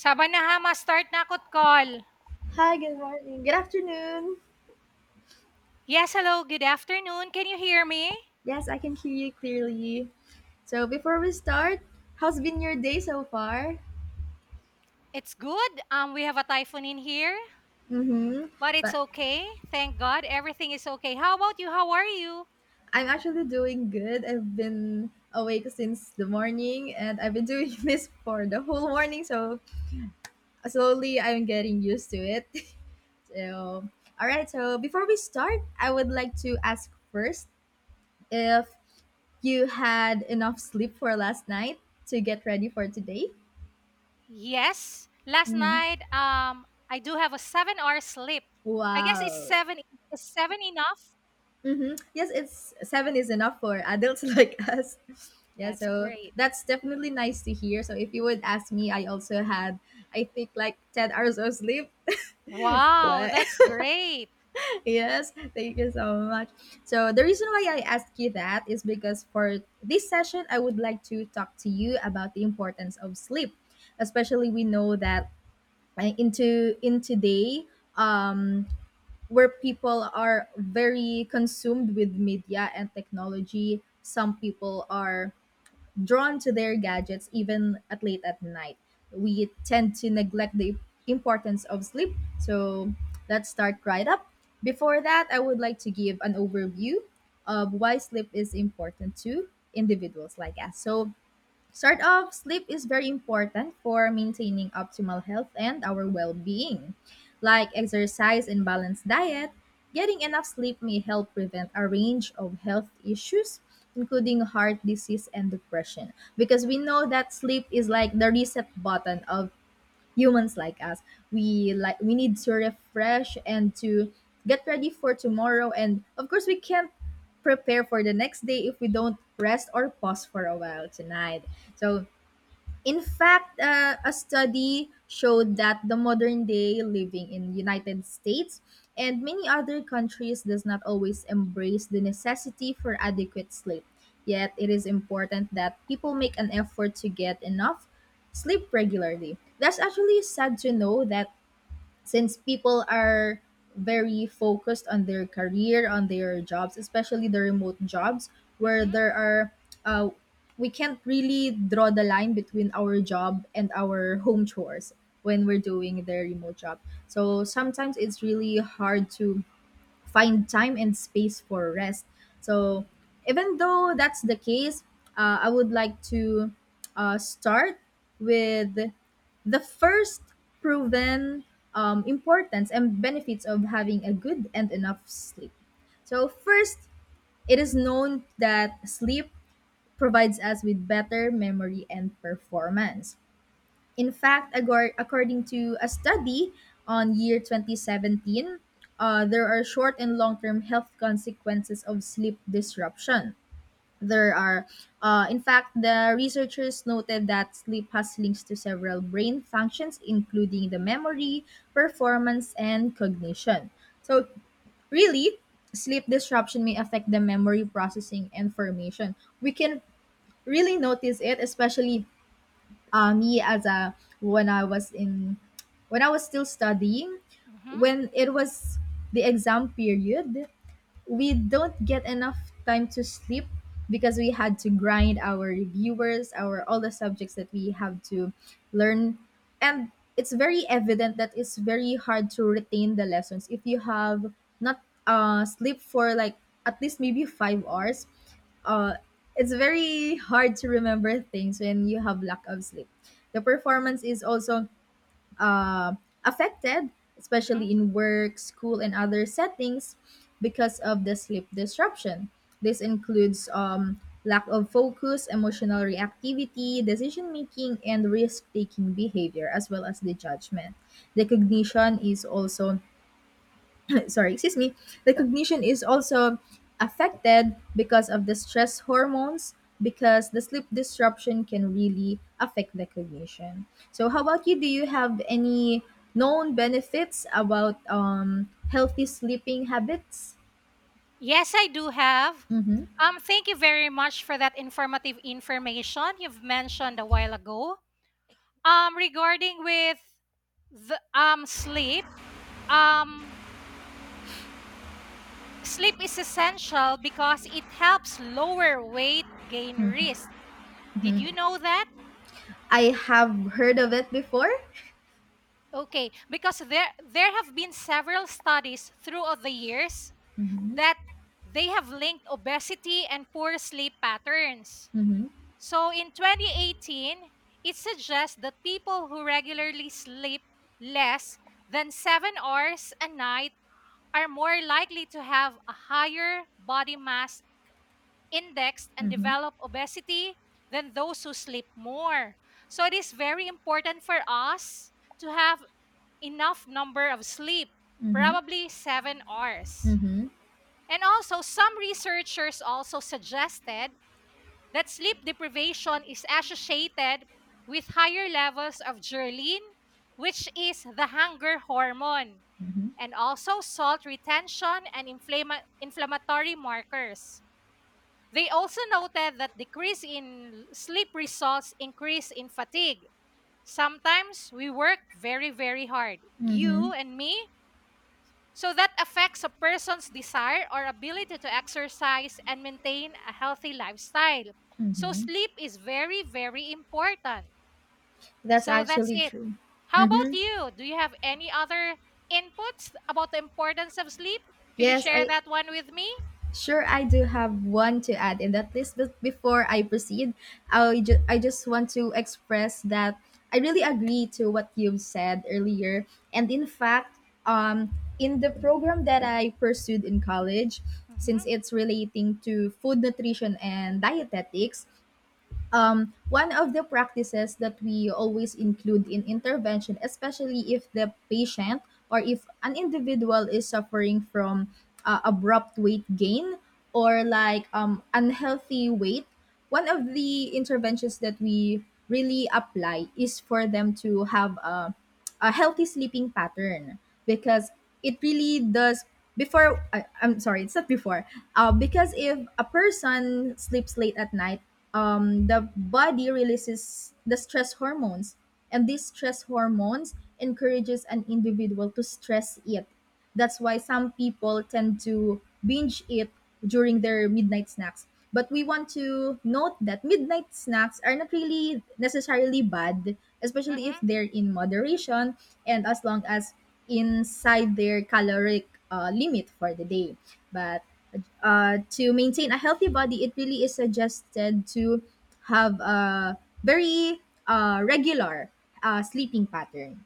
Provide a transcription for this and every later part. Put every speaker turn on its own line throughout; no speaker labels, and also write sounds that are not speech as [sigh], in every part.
Sabanahama, start na akot call.
Hi, good morning. Good afternoon.
Yes, hello, good afternoon. Can you hear me?
Yes, I can hear you clearly. So before we start, how's been your day so far?
It's good. We have a typhoon in here,
Mm-hmm.
but it's
But
okay. Thank God, everything is okay. How about you? How are you?
I'm actually doing good. I've been awake since the morning and I've been doing [laughs] this for the whole morning, so slowly I'm getting used to it. [laughs] So alright, so before we start, I would like to ask first if you had enough sleep for last night to get ready for today.
Yes. Last
Mm-hmm.
night, I do have a 7-hour sleep. I guess it's
Wow.
seven. Is seven enough?
Mm-hmm. Yes, it's seven is enough for adults [laughs] like us. Yeah,
That's
so
great.
that's definitely nice to hear. So if you would ask me, I also had, I think, like 10 hours of sleep. [laughs]
Wow,
What?
that's great.
[laughs] Yes, thank you so much. So the reason why I asked you that is because for this session, I would like to talk to you about the importance of sleep. Especially we know that into in today, um, where people are very consumed with media and technology. Some people are drawn to their gadgets even at late at night. We tend to neglect the importance of sleep. So let's start right up. Before that, I would like to give an overview of why sleep is important to individuals like us. Start off, sleep is very important for maintaining optimal health and our well being. Like exercise and balanced diet, getting enough sleep may help prevent a range of health issues, including heart disease and depression. Because we know that sleep is like the reset button of humans like us, we need to refresh and to get ready for tomorrow, and of course we can't prepare for the next day if we don't rest or pause for a while tonight. So in fact, a study showed that the modern day living in United States and many other countries does not always embrace the necessity for adequate sleep. Yet it is important that people make an effort to get enough sleep regularly. That's actually sad to know that since people are very focused on their career, on their jobs, especially the remote jobs, where
Mm-hmm,
there are, uh, we can't really draw the line between our job and our [laughs] home chores when we're doing the remote job. So sometimes it's really hard to find time and space for rest. So, even though that's the case, I would like to start with the first proven importance and benefits of having a good and enough sleep. So, first, it is known that sleep provides us with better memory and performance. In fact, according to a study on year 2017, there are short and long term health consequences of sleep disruption. There are, in fact, the researchers noted that sleep has links to several brain functions, including the memory, performance, and cognition. So, really, sleep disruption may affect the memory processing and formation. We can really notice it, especially me as a when I was in when I was still studying,
mm-hmm,
when it was the exam period, we don't get enough time to sleep because we had to grind our reviewers, our all the subjects that we have to learn, and it's very evident that it's very hard to retain the lessons if you have not sleep for like at least maybe 5 hours. Uh, it's very hard to remember things when you have lack of sleep. The performance is also uh, affected,
mm-hmm.
especially in work, school, and other settings, because of the sleep disruption. This includes lack of focus, emotional reactivity, decision making, and risk taking behavior, as well as the judgment. The cognition is also sorry, excuse me, recognition is also affected because of the stress hormones, because the sleep disruption can really affect the cognition. So how about you? Do you have any known benefits about healthy sleeping habits?
Yes, I do have.
Mm-hmm.
Thank you very much for that informative information you've mentioned a while ago. Regarding with the sleep, um, sleep is essential because it helps lower weight gain risk. Did you know that?
I have heard of it before.
Okay, because there have been several studies throughout the years
Mm-hmm.
that they have linked obesity and poor sleep patterns.
Mm-hmm.
So in 2018, it suggests that people who regularly sleep less than 7 hours a night are more likely to have a higher body mass index and develop obesity than those who sleep more. So it is very important for us to have enough number of sleep,
Mm-hmm.
probably 7 hours.
Mm-hmm. Mm-hmm.
And also, some researchers also suggested that sleep deprivation is associated with higher levels of ghrelin, which is the hunger hormone,
Mm-hmm.
and also salt retention and inflammatory markers. They also noted that decrease in sleep results increase in fatigue. Sometimes we work very, very hard. You
Mm-hmm.
and me. So that affects a person's desire or ability to exercise and maintain a healthy lifestyle. So
Mm-hmm.
sleep is very, very important.
That's
So that's
actually
it.
true.
How about
Mm-hmm.
you? Do you have any other inputs about the importance of sleep? Could you
Yes,
share
I
that one with me?
Sure, I do have one to add in that list, but before I proceed, I just want to express that I really agree to what you've said earlier. And in fact, in the program that I pursued in college, since
Mm-hmm.
it's relating to food nutrition and dietetics, one of the practices that we always include in intervention, especially if the patient or if an individual is suffering from abrupt weight gain or like unhealthy weight, one of the interventions that we really apply is for them to have a healthy sleeping pattern because it really does. Before I, I'm sorry it's not before Because if a person sleeps late at night, the body releases the stress hormones, and these stress hormones encourages an individual to stress eat. That's why some people tend to binge eat during their midnight snacks. But we want to note that midnight snacks are not really necessarily bad, especially
Mm-hmm.
if they're in moderation and as long as inside their caloric limit for the day. But to maintain a healthy body, it really is suggested to have a very regular sleeping pattern.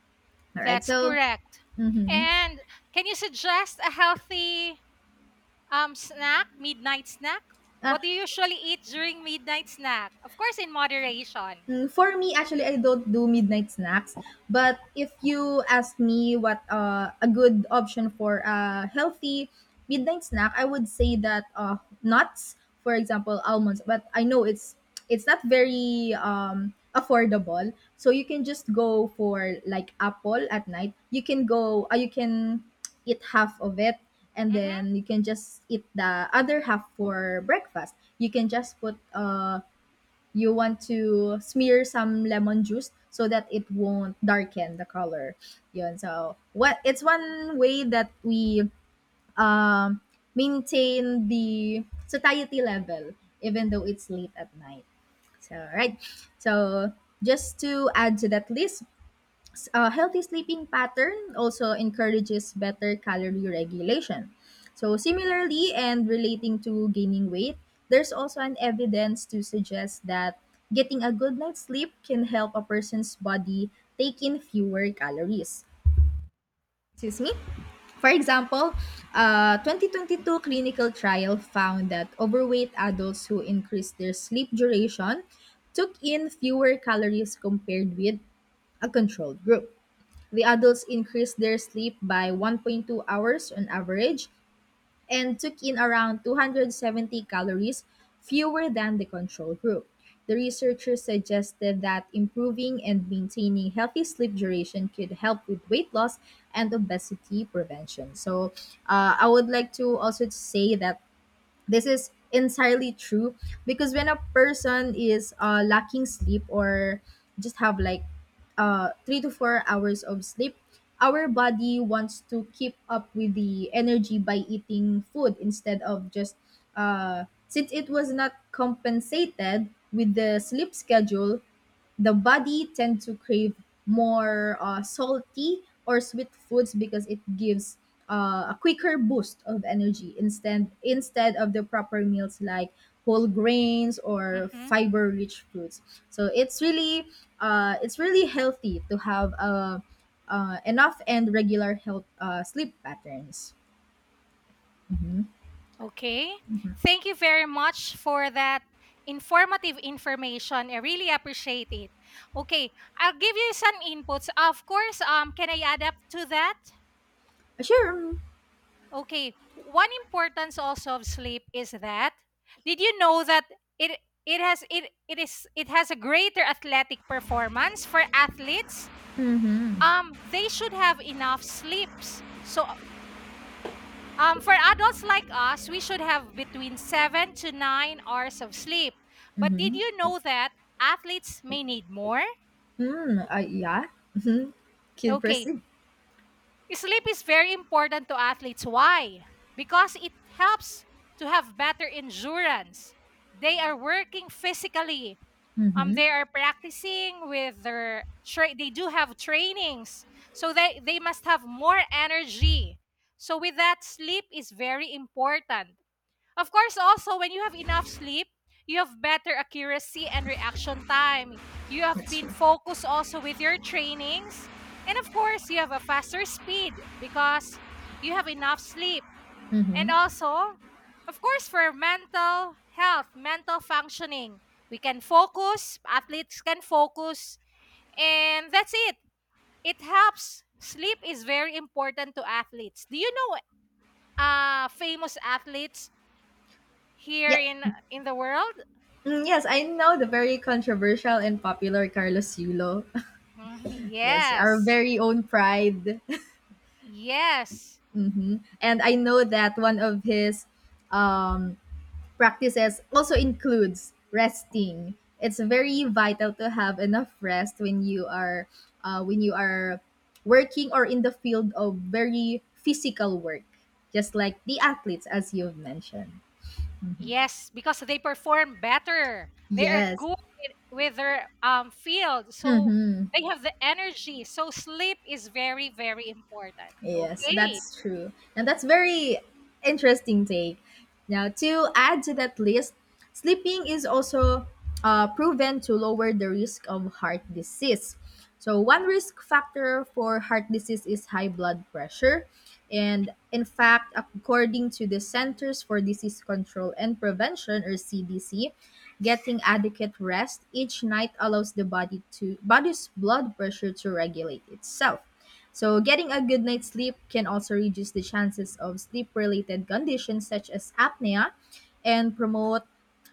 All right,
That's
so
correct.
mm-hmm.
And can you suggest a healthy snack, midnight snack? What do you usually eat during midnight snack? Of course, in moderation.
Mm, for me, actually, I don't do midnight snacks. But if you ask me what a good option for a healthy midnight snack, I would say that nuts, for example, almonds. But I know it's not very affordable, so you can just go for like apple at night. You can go, you can eat half of it, and
Mm-hmm.
then you can just eat the other half for breakfast. You can just put you want to smear some lemon juice so that it won't darken the color. Yun. So, what it's one way that we um maintain the satiety level even though it's late at night. So, right. So, just to add to that list, a healthy sleeping pattern also encourages better calorie regulation. So, similarly, and relating to gaining weight, there's also an evidence to suggest that getting a good night's sleep can help a person's body take in fewer calories. Excuse me? For example, a 2022 clinical trial found that overweight adults who increased their sleep duration took in fewer calories compared with a controlled group. The adults increased their sleep by 1.2 hours on average and took in around 270 calories fewer than the control group. The researchers suggested that improving and maintaining healthy sleep duration could help with weight loss and obesity prevention. So, I would like to also say that this is entirely true because when a person is lacking sleep or just have like 3 to 4 hours of sleep, our body wants to keep up with the energy by eating food instead of just since it was not compensated with the sleep schedule, the body tend to crave more salty or sweet foods because it gives a quicker boost of energy instead of the proper meals like whole grains or
Mm-hmm.
fiber rich foods. So it's really healthy to have enough and regular health sleep patterns.
Okay. Thank you very much for that informative information. I really appreciate it. Okay, I'll give you some inputs. Of course, can I add up to that?
Sure.
Okay. One importance also of sleep is that did you know that it it has it it is it has a greater athletic performance for athletes?
Mm-hmm.
They should have enough sleeps. So for adults like us, we should have between 7 to 9 hours of sleep. But did
Mm-hmm.
you know that athletes may need more?
Yeah, mm-hmm. Kid
Okay,
proceed.
sleep is very important to athletes. Why? Because it helps to have better endurance. They are working physically.
Mm-hmm.
They are practicing with their they do have trainings, so they must have more energy. So with that, sleep is very important. Of course, also, when you have enough sleep, you have better accuracy and reaction time. You have
That's
been
true.
focused also with your trainings. And of course, you have a faster speed because you have enough sleep. And
Mm-hmm.
also, of course, for mental health, mental functioning, we can focus, athletes can focus, and that's it. It helps. Sleep is very important to athletes. Do you know famous athletes here
Yeah.
in the world?
Mm, yes, I know the very controversial and popular Carlos Yulo. [laughs]
Mhm,
Yes, our
yes.
very own pride.
Yes.
[laughs] Hmm. And I know that one of his um, practices also includes resting. It's very vital to have enough rest when you are uh, when you are working or in the field of very physical work, just like the athletes, as you've mentioned. Mhm.
Yes, because they perform better. They are
Yes.
good with their field. So
Mm-hmm.
they have the energy. So sleep is very very important.
Yes,
Okay.
that's true. And that's very interesting take. Now, to add to that list, sleeping is also proven to lower the risk of heart disease. So, one
Oh.
risk factor for heart disease is high blood pressure. And in fact, according to the Centers for Disease Control and Prevention or CDC, getting adequate rest each night allows the body's blood pressure to regulate itself. So, getting a good night's sleep can also reduce the chances of sleep related conditions such as apnea and promote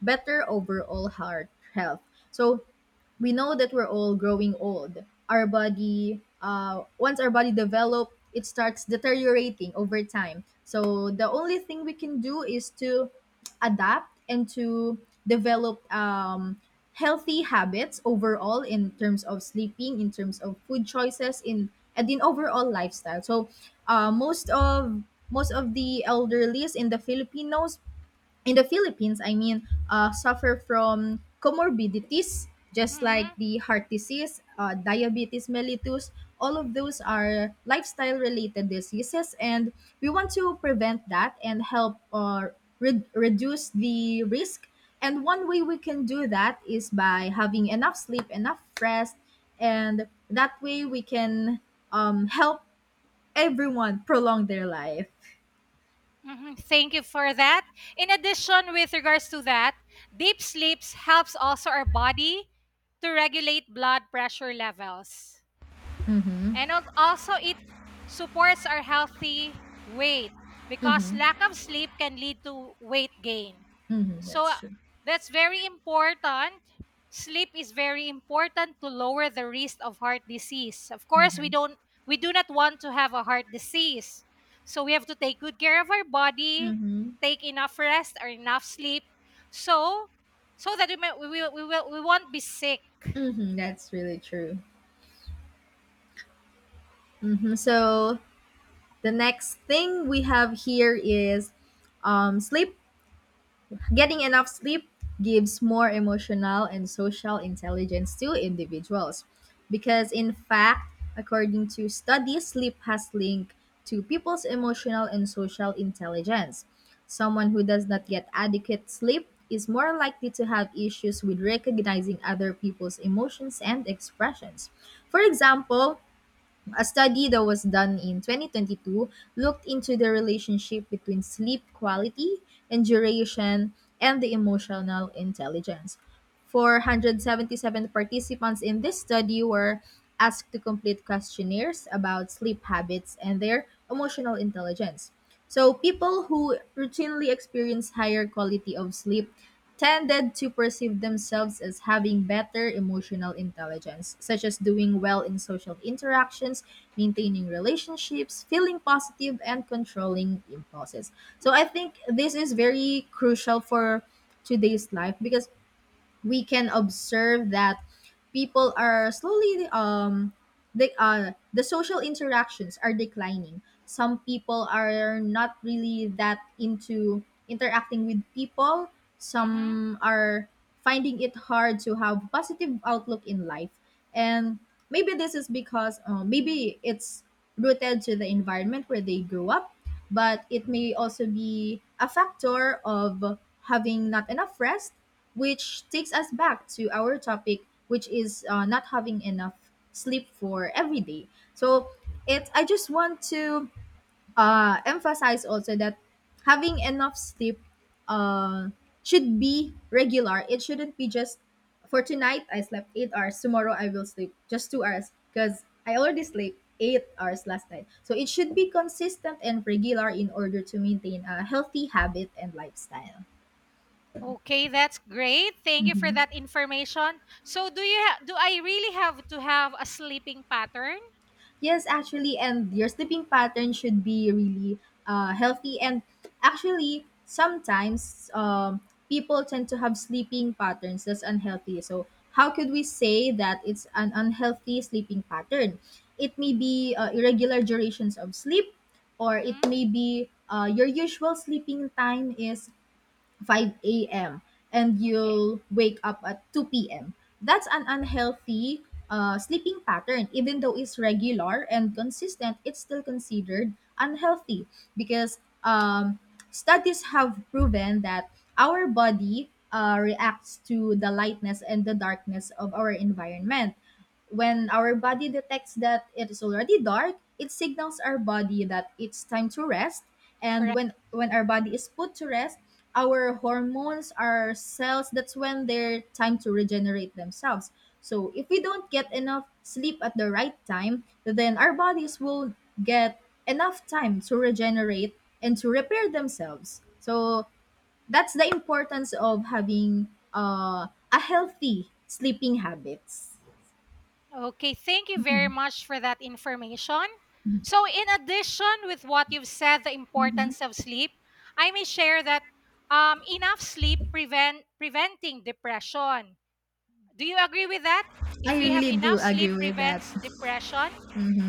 better overall heart health. So, we know that we're all growing old. Our body, once our body develop, it starts deteriorating over time. So the only thing we can do is to adapt and to develop healthy habits overall in terms of sleeping, in terms of food choices, in overall lifestyle. So uh, most of most of the elderlies in the Filipinos in the Philippines, I mean, suffer from comorbidities, just like
Mhm.
the heart disease, diabetes mellitus. All of those are lifestyle related diseases, and we want to prevent that and help reduce the risk. And one way we can do that is by having enough sleep, enough rest, and that way we can help everyone prolong their life.
Mhm. Thank you for that. In addition, with regards to that, deep sleeps helps also our body to regulate blood pressure levels. And also, it supports our healthy weight because
Mm-hmm.
lack of sleep can lead to weight gain.
Mm-hmm.
So
That's true.
that's very important. Sleep is very important to lower the risk of heart disease. Of course,
Mm-hmm.
we do not want to have a heart disease. So we have to take good care of our body,
Mm-hmm.
take enough rest or enough sleep so so that we may, we will, we will we won't be sick.
Mm-hmm, that's really true. Mm-hmm. So the next thing we have here is sleep. Getting enough sleep gives more emotional and social intelligence to individuals because, in fact, according to studies, sleep has linked to people's emotional and social intelligence. Someone who does not get adequate sleep is more likely to have issues with recognizing other people's emotions and expressions. For example, a study that was done in 2022 looked into the relationship between sleep quality and duration and the emotional intelligence. 477 participants in this study were asked to complete questionnaires about sleep habits and their emotional intelligence. So, people who routinely experience higher quality of sleep tended to perceive themselves as having better emotional intelligence, such as doing well in social interactions, maintaining relationships, feeling positive, and controlling impulses. So I think this is very crucial for today's life because we can observe that people are slowly the social interactions are declining. Some people are not really that into interacting with people,
Mhm.
some are finding it hard to have positive outlook in life, and maybe this is because maybe it's rooted to the environment where they grew up, but it may also be a factor of having not enough rest, which takes us back to our topic, which is not having enough sleep for every day. So it I just want to emphasize also that having enough sleep uh, should be regular. It shouldn't be just for tonight I slept 8 hours, tomorrow I will sleep just 2 hours because I already slept 8 hours last night. So it should be consistent and regular in order to maintain a healthy habit and lifestyle.
Okay, that's great. Thank you for
Mhm.
that information. So, do you do I really have to have a sleeping pattern?
Yes, actually, and your sleeping pattern should be really healthy. And actually, sometimes people tend to have sleeping patterns that's unhealthy. So, how could we say that it's an unhealthy sleeping pattern? It may be irregular durations of sleep, or it
Mm-hmm.
may be your usual sleeping time is 5 a.m. and
Okay,
you'll wake up at 2 p.m. That's an unhealthy sleeping pattern. Even though it's regular and consistent, it's still considered unhealthy because um, studies have proven that our body reacts to the lightness and the darkness of our environment. When our body detects that it is already dark, it signals our body that it's time to rest. And
correct.
when our body is put to rest, our hormones, our cells, that's when their time to regenerate themselves. So if we don't get enough sleep at the right time, then our bodies will get enough time to regenerate and to repair themselves. So that's the importance of having a healthy sleeping habits.
Okay, thank you very
hmm
much for that information. So, in addition with what you've said, the
hmm
importance of sleep, I may share that enough sleep preventing depression. Do you agree with that?
I
If we have
really
enough
do
sleep
agree with that.
prevents depression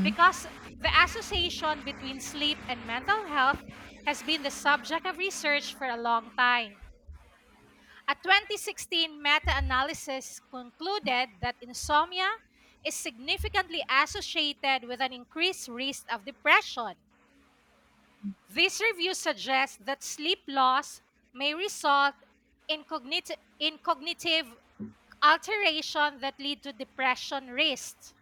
because the association between sleep and mental health has been the subject of research for a long time. A 2016 meta-analysis concluded that insomnia is significantly associated with an increased risk of depression. This review suggests that sleep loss may result in cognitive alteration that lead to depression risks.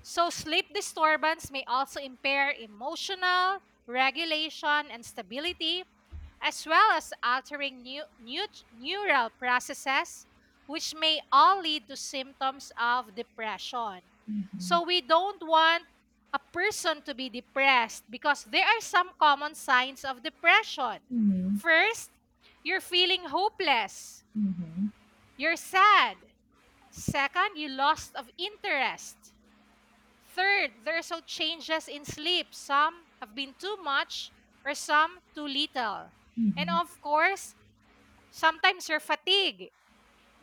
So sleep disturbance may also impair emotional regulation and stability, as well as altering neural processes, which may all lead to symptoms of depression.
Mm-hmm.
So we don't want a person to be depressed because there are some common signs of depression.
Mm-hmm.
First, you're feeling hopeless, you're sad. Second, you lost of interest. Third, there are so changes in sleep. Some have been too much or some too little. And
Mm-hmm.
of course, sometimes you're fatigued.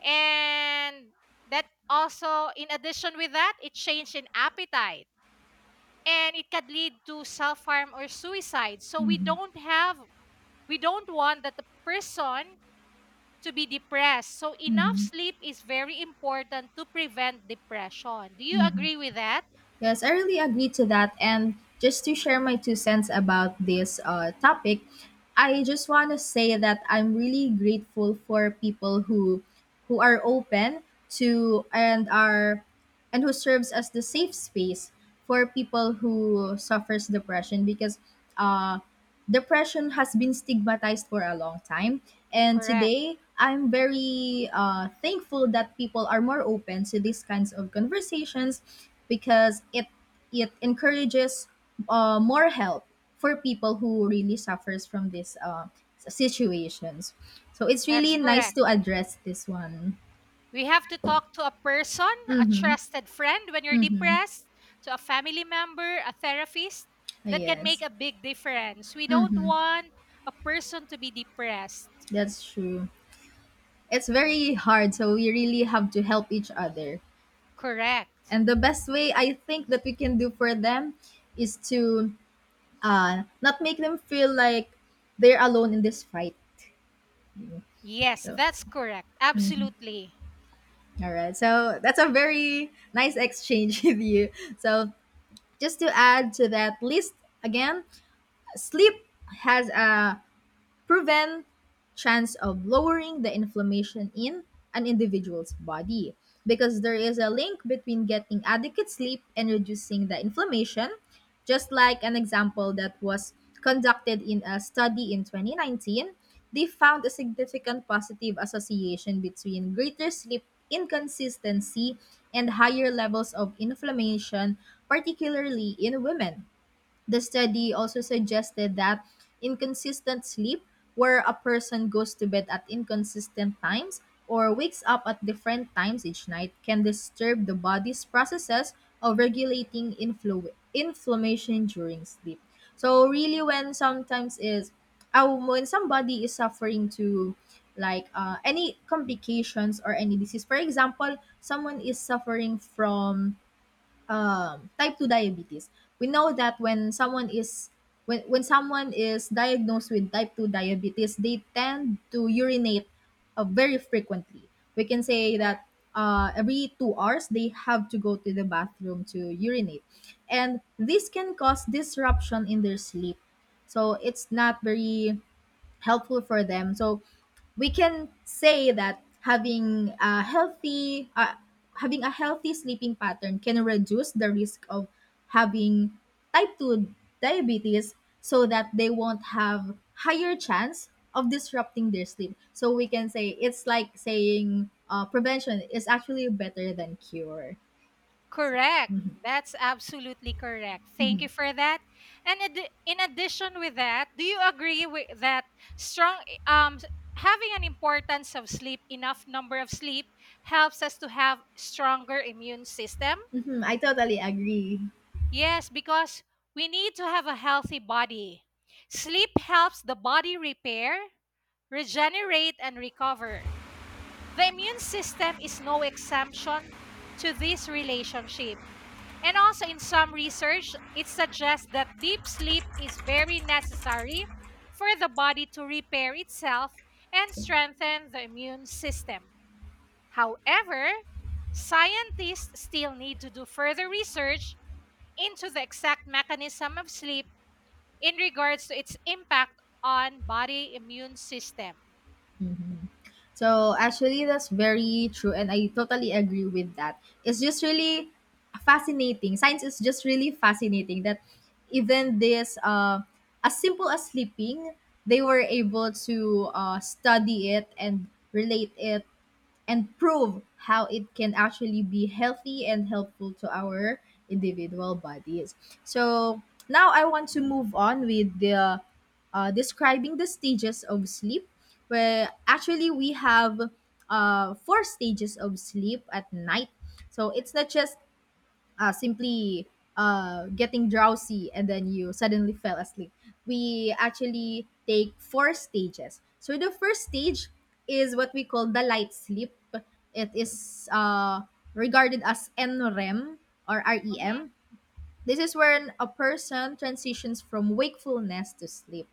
And that also, in addition with that, it changed in appetite. And it could lead to self-harm or suicide. So we don't want that the person to be depressed. So enough
hmm
sleep is very important to prevent depression. Do you
hmm.
agree with that?
Yes, I really agree to that. And just to share my two cents about this topic, I just want to say that I'm really grateful for people who are open to and are and who serves as the safe space for people who suffers depression because uh depression has been stigmatized for a long time, and
Correct.
today I'm very thankful that people are more open to these kinds of conversations because it encourages more help for people who really suffers from these situations. So it's
That's
really nice
correct.
to address this one.
We have to talk to a person, a
Mm-hmm.
trusted friend when you're
Mm-hmm.
depressed, to a family member, a therapist that can make
Yes.
a big difference. We don't
Mm-hmm.
want a person to be depressed.
That's true. It's very hard, so we really have to help each other.
Correct.
And the best way I think that we can do for them is to not make them feel like they're alone in this fight.
Yes,
So,
that's correct.
mm,
Absolutely.
all right. So that's a very nice exchange [laughs] with you. So just to add to that list again, sleep has a prevent chance of lowering the inflammation in an individual's body because there is a link between getting adequate sleep and reducing the inflammation. Just like an example that was conducted in a study in 2019, they found a significant positive association between greater sleep inconsistency and higher levels of inflammation, particularly in women. The study also suggested that inconsistent sleep, where a person goes to bed at inconsistent times or wakes up at different times each night, can disturb the body's processes of regulating inflammation during sleep. So really, when sometimes is when somebody is suffering to like any complications or any disease, for example, someone is suffering from type 2 diabetes. We know that when someone is diagnosed with type 2 diabetes, they tend to urinate very frequently. We can say that
Correct.
every 2 hours they have to go to the bathroom to urinate, and this can cause disruption in their sleep, so it's not very helpful for them. So we can say that having a healthy sleeping pattern can reduce the risk of having type 2 diabetes, so that they won't have higher chance of disrupting their sleep. So we can say it's like saying prevention is actually better than cure.
Correct. That's absolutely correct. Thank you for that. And in addition with that, do you agree with that strong um having an importance of sleep, enough number of sleep helps us to have stronger immune system?
Mhm, I totally agree.
Yes, because we need to have a healthy body. Sleep helps the body repair, regenerate and recover. The immune system is no exemption to this relationship and also, in some research, it suggests that deep sleep is very necessary for the body to repair itself and strengthen the immune system. However, scientists still need to do further research into the exact mechanism of sleep in regards to its impact on body immune system.
Mhm. So actually, that's very true, and I totally agree with that. It's just really fascinating. Science is just really fascinating that even this, as simple as sleeping, they were able to study it and relate it and prove how it can actually be healthy and helpful to our individual bodies. So now I want to move on with the describing the stages of sleep, where actually we have four stages of sleep at night. So it's not just simply getting drowsy and then you suddenly fell asleep. We actually take four stages. So the first stage is what we call the light sleep. It is regarded as NREM or
Mhm,
REM. This is when a person transitions from wakefulness to sleep.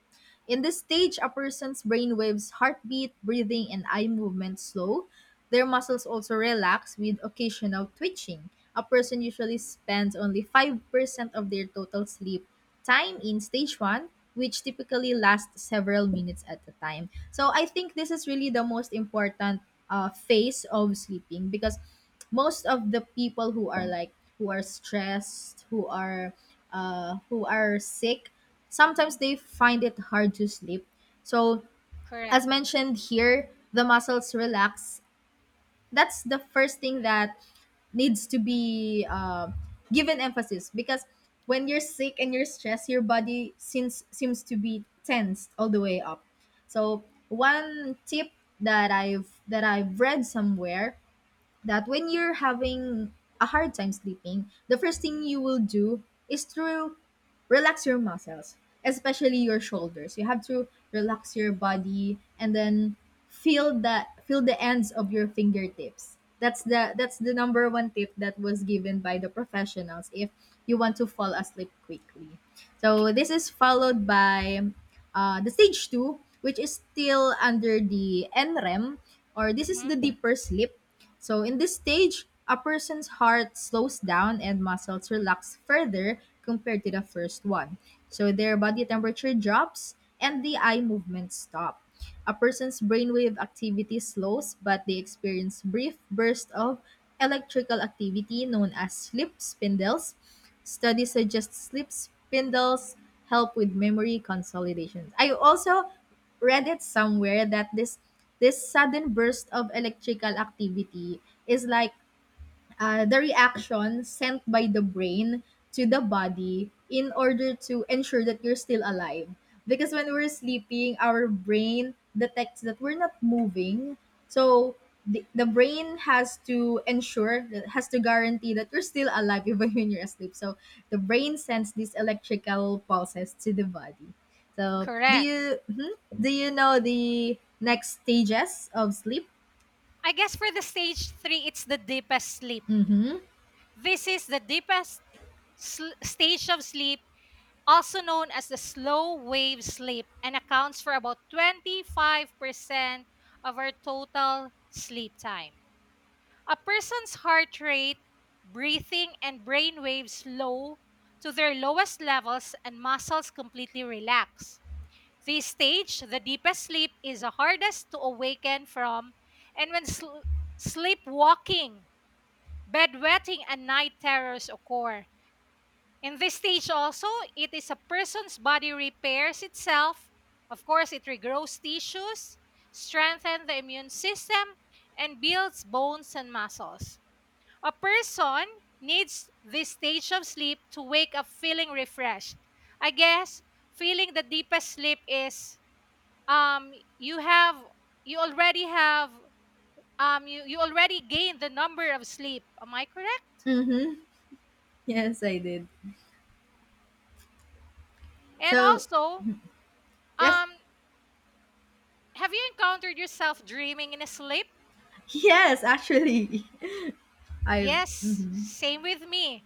In this stage, a person's brainwaves, heartbeat, breathing, and eye movement slow. Their muscles also relax with occasional twitching. A person usually spends only 5% of their total sleep time in stage one, which typically lasts several minutes at a time. So I think this is really the most important phase of sleeping because most of the people who are like who are stressed, who are sick, sometimes they find it hard to sleep. So
correct.
as mentioned here, the muscles relax. That's the first thing that needs to be given emphasis because when you're sick and you're stressed, your body seems to be tensed all the way up. So one tip that I've read somewhere that when you're having a hard time sleeping, the first thing you will do is to relax your muscles, especially your shoulders. You have to relax your body and then feel the ends of your fingertips. That's the number one tip that was given by the professionals if you want to fall asleep quickly.
K-
So this is followed by the stage two, which is still under the NREM, or this is
mhm,
the deeper sleep. So, in this stage, a person's heart slows down and muscles relax further compared to the first one. So, their body temperature drops and the eye movements stop. A person's brainwave activity slows, but they experience brief bursts of electrical activity known as sleep spindles. Studies suggest sleep spindles help with memory consolidation. I also read it somewhere that this sudden burst of electrical activity is like the reaction sent by the brain to the body in order to ensure that you're still alive. Because when we're sleeping, our brain detects that we're not moving. So the brain has to ensure, that has to guarantee that you're still alive [laughs] even when you're asleep. So the brain sends these electrical pulses to the body. So do
correct.
you do you know the next stages of sleep?
I guess for the stage 3 it's the deepest sleep.
Mm-hmm.
This is the deepest stage of sleep, also known as the slow wave sleep, and accounts for about 25% of our total sleep time. A person's heart rate, breathing, and brain waves slow to their lowest levels and muscles completely relax. This stage, the deepest sleep, is the hardest to awaken from, and when sleepwalking, bedwetting, and night terrors occur. In this stage also, it is a person's body repairs itself. Of course, it regrows tissues, strengthens the immune system, and builds bones and muscles. A person needs this stage of sleep to wake up feeling refreshed. I guess feeling the deepest sleep is um you have you already have you already gained the number of sleep. Am I correct?
Mm-hmm. [laughs] Yes, I did.
And
So
also,
Yes.
um have you encountered yourself dreaming in a sleep?
Yes, actually. [laughs] I
Yes,
mhm.
same with me.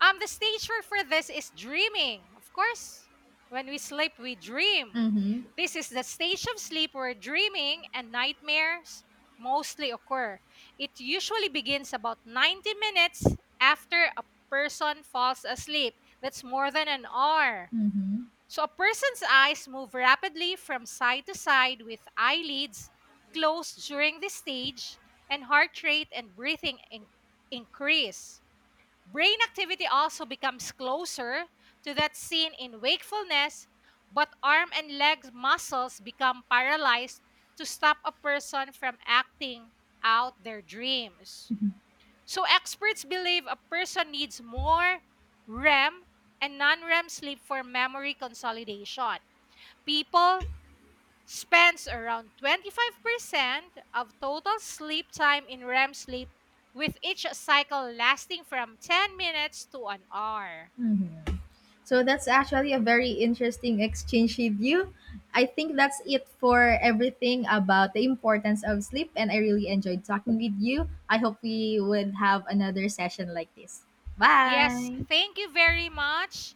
The stage for this is dreaming. Of course, when we sleep, we dream.
Mhm.
This is the stage of sleep where dreaming and nightmares mostly occur. It usually begins about 90 minutes after a person falls asleep. That's more than an hour.
Mhm.
So a person's eyes move rapidly from side to side with eyelids closed during this stage and heart rate and increase. Brain activity also becomes closer to that seen in wakefulness, but arm and leg muscles become paralyzed to stop a person from acting out their dreams. So experts believe a person needs more REM and non-REM sleep for memory consolidation. People spends around 25% of total sleep time in REM sleep with each cycle lasting from 10 minutes to an hour.
Mhm. So that's actually a very interesting exchange with you. I think that's it for everything about the importance of sleep and I really enjoyed talking with you. I hope we would have another session like this.
Yes,
Bye.
thank you very much.